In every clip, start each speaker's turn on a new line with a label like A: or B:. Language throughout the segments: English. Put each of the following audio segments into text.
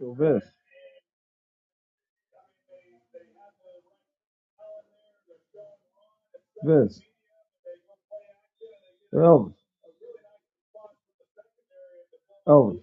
A: Vince, Vince, Elvis, Elvis,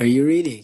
B: Are you ready?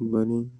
C: Bunny